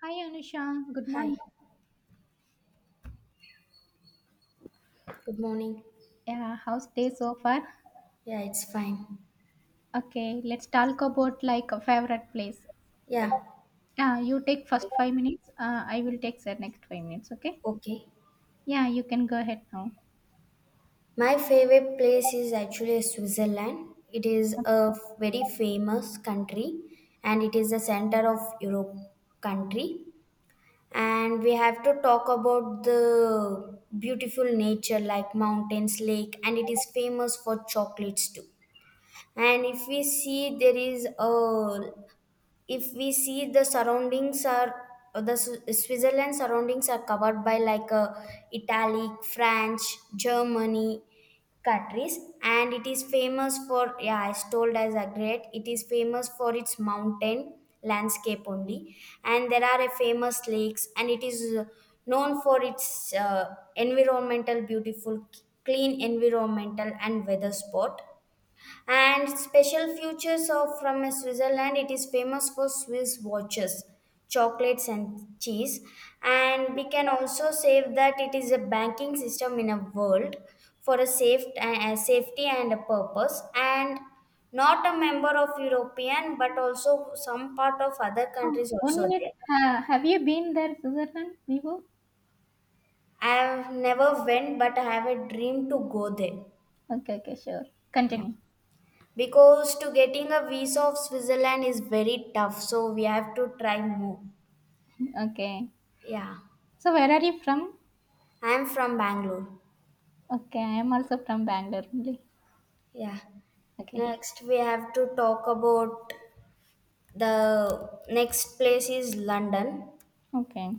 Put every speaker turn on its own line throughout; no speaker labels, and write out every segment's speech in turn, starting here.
Hi Anusha, good
Hi,
morning.
good morning.
Yeah, how's day so far?
Yeah, it's fine.
Okay, let's talk about like a favorite place.
Yeah,
Yeah, you take first 5 minutes. I will take the next 5 minutes. Okay.
okay.
Yeah, you can go ahead now.
My favorite place is actually Switzerland. It is a very famous country and it is the center of Europe country. And we have to talk about the beautiful nature like mountains, lake, and it is famous for chocolates too. And if we see, the surroundings are the switzerland surroundings are covered by like italy french germany countries and it is famous for yeah I told as a great it is famous for its mountain landscape only. And there are a famous lakes and it is known for its environmental beautiful clean environmental and weather spot and special features of from Switzerland. It is famous for Swiss watches, chocolates, and cheese. And we can also say that it is a banking system in a world for a safe a safety and a purpose. And not a member of European, but also some part of other
Oh,
countries
one
also
minute.
there.
Have you been there, Switzerland, Vivo?
I have never went, but I have a dream to go there.
Okay, okay, sure.
Yeah.
Continue.
Because to getting a visa of Switzerland is very tough, so we have to try more.
Okay.
Yeah,
So where are you from?
I'm from Bangalore.
Okay, I am also from Bangalore only.
Yeah.
Okay.
Next, we have to talk about the next place is London.
Okay.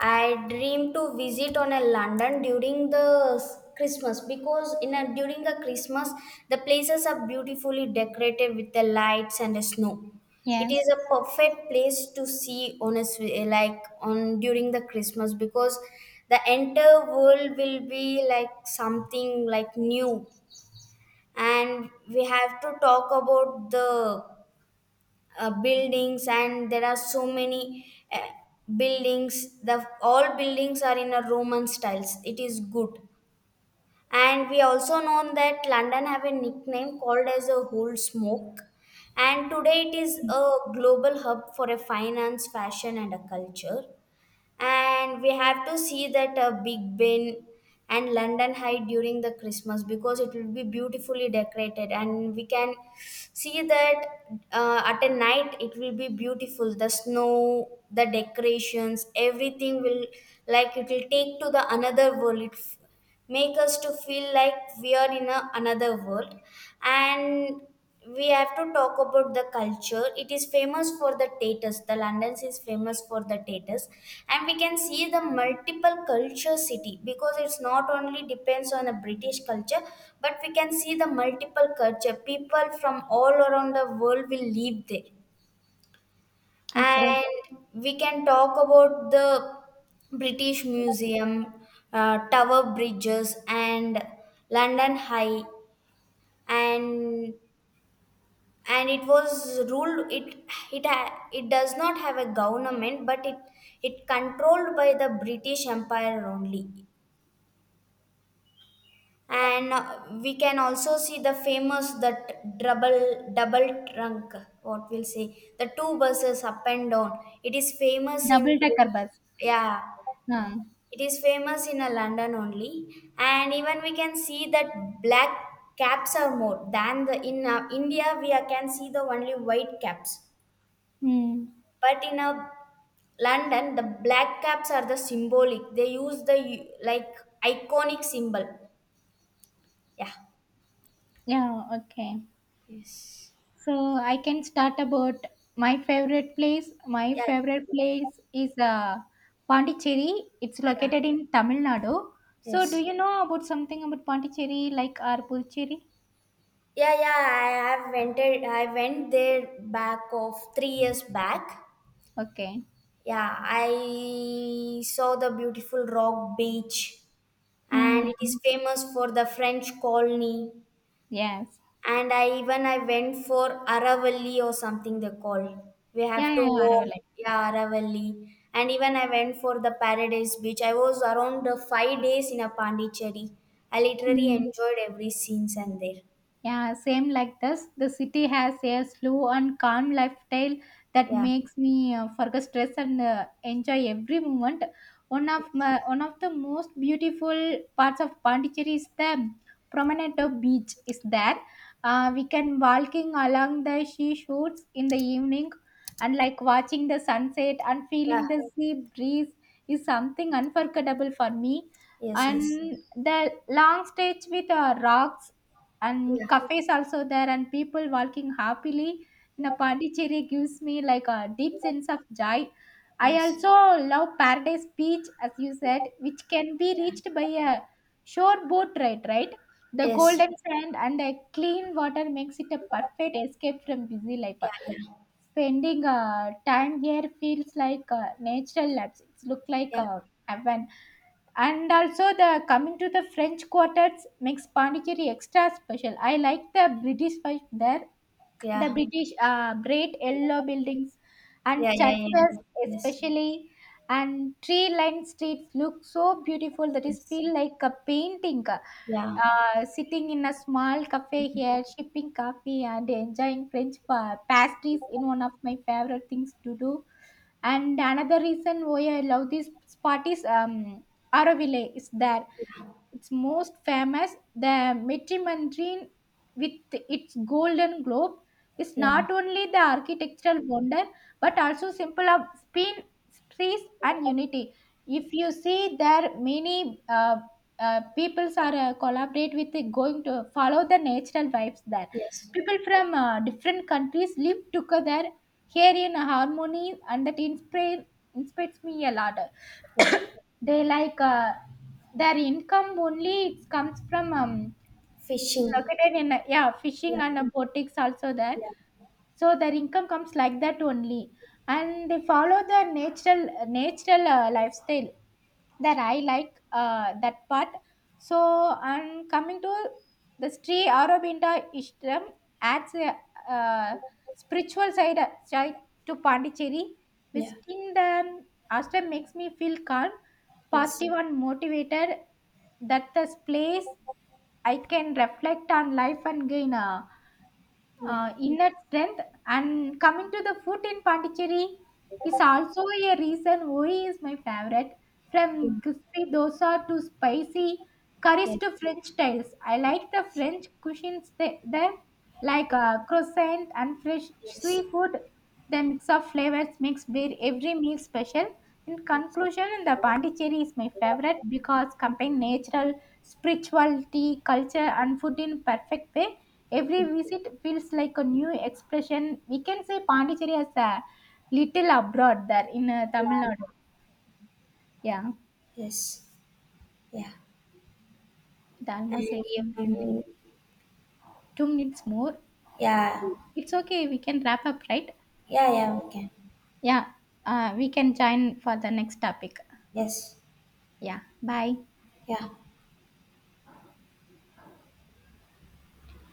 I dream to visit on a London during the Christmas because in a, during the Christmas the places are beautifully decorated with the lights and the snow. It is
Yes.
a perfect place to see on a like on during the Christmas because the entire world will be like something like new, and we have to talk about the buildings, and there are so many uh, buildings. The all buildings are in a roman styles, it is good. And we also know that london have a nickname called as a whole smoke, and today it is a global hub for a finance fashion and a culture. And we have to see that big ben and london high during the christmas because it will be beautifully decorated, and we can see that at a night it will be beautiful, the snow, the decorations everything will like it will take to the another world. It make us to feel like we are in a, another world. And we have to talk about the culture, it is famous for the tatus, the london is famous for the tatus, and we can see the multiple culture city because it's not only depends on the british culture, but we can see the multiple culture people from all around the world will live there.
Okay.
And we can talk about the British Museum, Tower Bridges, and London High. And and it was ruled it it ha- it does not have a government, but it controlled by the British Empire only. And we can also see the famous that double trunk. What we'll say the two buses up and down. It is famous in
Double decker bus.
yeah.
No.
It is famous in London only, and even we can see that black caps are more than the in India. We can see the only white caps,
Hmm.
but in London the black caps are the symbolic. They use the like iconic symbol. Yeah.
Yeah. Okay.
Yes.
So I can start about my favorite place. My
Yeah.
favorite place is Pondicherry. It's
Yeah.
located in Tamil Nadu. So do
Yes.
you know about something about Pondicherry, like or Puducherry?
Yeah, yeah, I have rented I went there back of 3 years back.
Okay.
Yeah, I saw the beautiful rock beach and
Hmm.
it is famous for the French colony.
Yes.
And I even I went for Aravalli or something they call. We
Yeah,
have to
yeah,
walk, yeah, Aravalli. And even I went for the Paradise Beach. I was around 5 days in a Pondicherry. I literally
Aravalai.
enjoyed every scenes and there.
Yeah, same like this. The city has a slow and calm lifestyle that
Yeah.
makes me forget stress and enjoy every moment.
Yes.
One of the most beautiful parts of Pondicherry is the Promenade Beach. Is there? We can walking along the sea shores in the evening, and like watching the sunset and
Yeah.
feeling the sea breeze is something unforgettable for me.
Yes. Yes.
And the long stretch with rocks and
Yeah.
cafes also there and people walking happily in a Pondicherry gives me like a deep sense of joy. I
Yes.
also love Paradise Beach as you said, which can be reached by a shore boat ride, right? The
Yes.
golden sand and the clean water makes it a perfect escape from busy life.
Yeah. Yeah.
Spending time here feels like a natural lapse. It's look like
Yeah.
a heaven, and also the coming to the French quartets makes Pondicherry extra special. I like the British vibe there, the
Yeah.
British great yellow buildings and
Yeah. Yeah.
churches
Yeah. Yes.
especially, and tree-lined streets look so beautiful that is
Yes.
feel like a painting.
Yeah.
Sitting in a small cafe here, sipping coffee and enjoying pastries in one of my favorite things to do. And another reason why I love this spot is Auroville, is that
Yeah.
it's most famous, the Metrimandarin with its golden globe, is
Yeah.
not only the architectural wonder but also symbol of spin, peace, and unity. If you see, there many peoples are collaborate with going to follow the natural vibes there.
Yes.
People from different countries live together here in harmony, and that inspires me a lot.
Yeah.
They like their income only it comes from
Fishing.
located in yeah fishing
Yeah.
and boutiques also there,
Yeah.
so their income comes like that only, and they follow their natural lifestyle. That I like, that part. So, and coming to the Sri Aurobindo Ishram, adds a uh, spiritual side to Pondicherry.
Yeah.
Visiting the ashram makes me feel calm,
Yes.
positive, and motivated, that this place I can reflect on life and gain
Yeah.
inner strength. And coming to the food in Pondicherry is also a reason why is my favorite. From
Mm.
crispy dosa to spicy curries
Yes.
to French styles. I like the French cuisines there, like croissant and fresh
Yes.
seafood. The mix of flavors makes beer every meal special. In
Yes.
conclusion, the Pondicherry is my favorite because combine natural, spirituality, culture, and food in perfect way. Every visit feels like a new expression. We can say Pondicherry as a little abroad there in Tamil Nadu.
Yeah.
Yeah,
Yes. Yeah.
it
And
almost eight
you
minutes only.
can,
2 minutes more.
yeah.
It's okay. We can wrap up, right?
Yeah, yeah, we can.
Yeah, we can join for the next topic.
Yes.
Yeah, bye.
Yeah.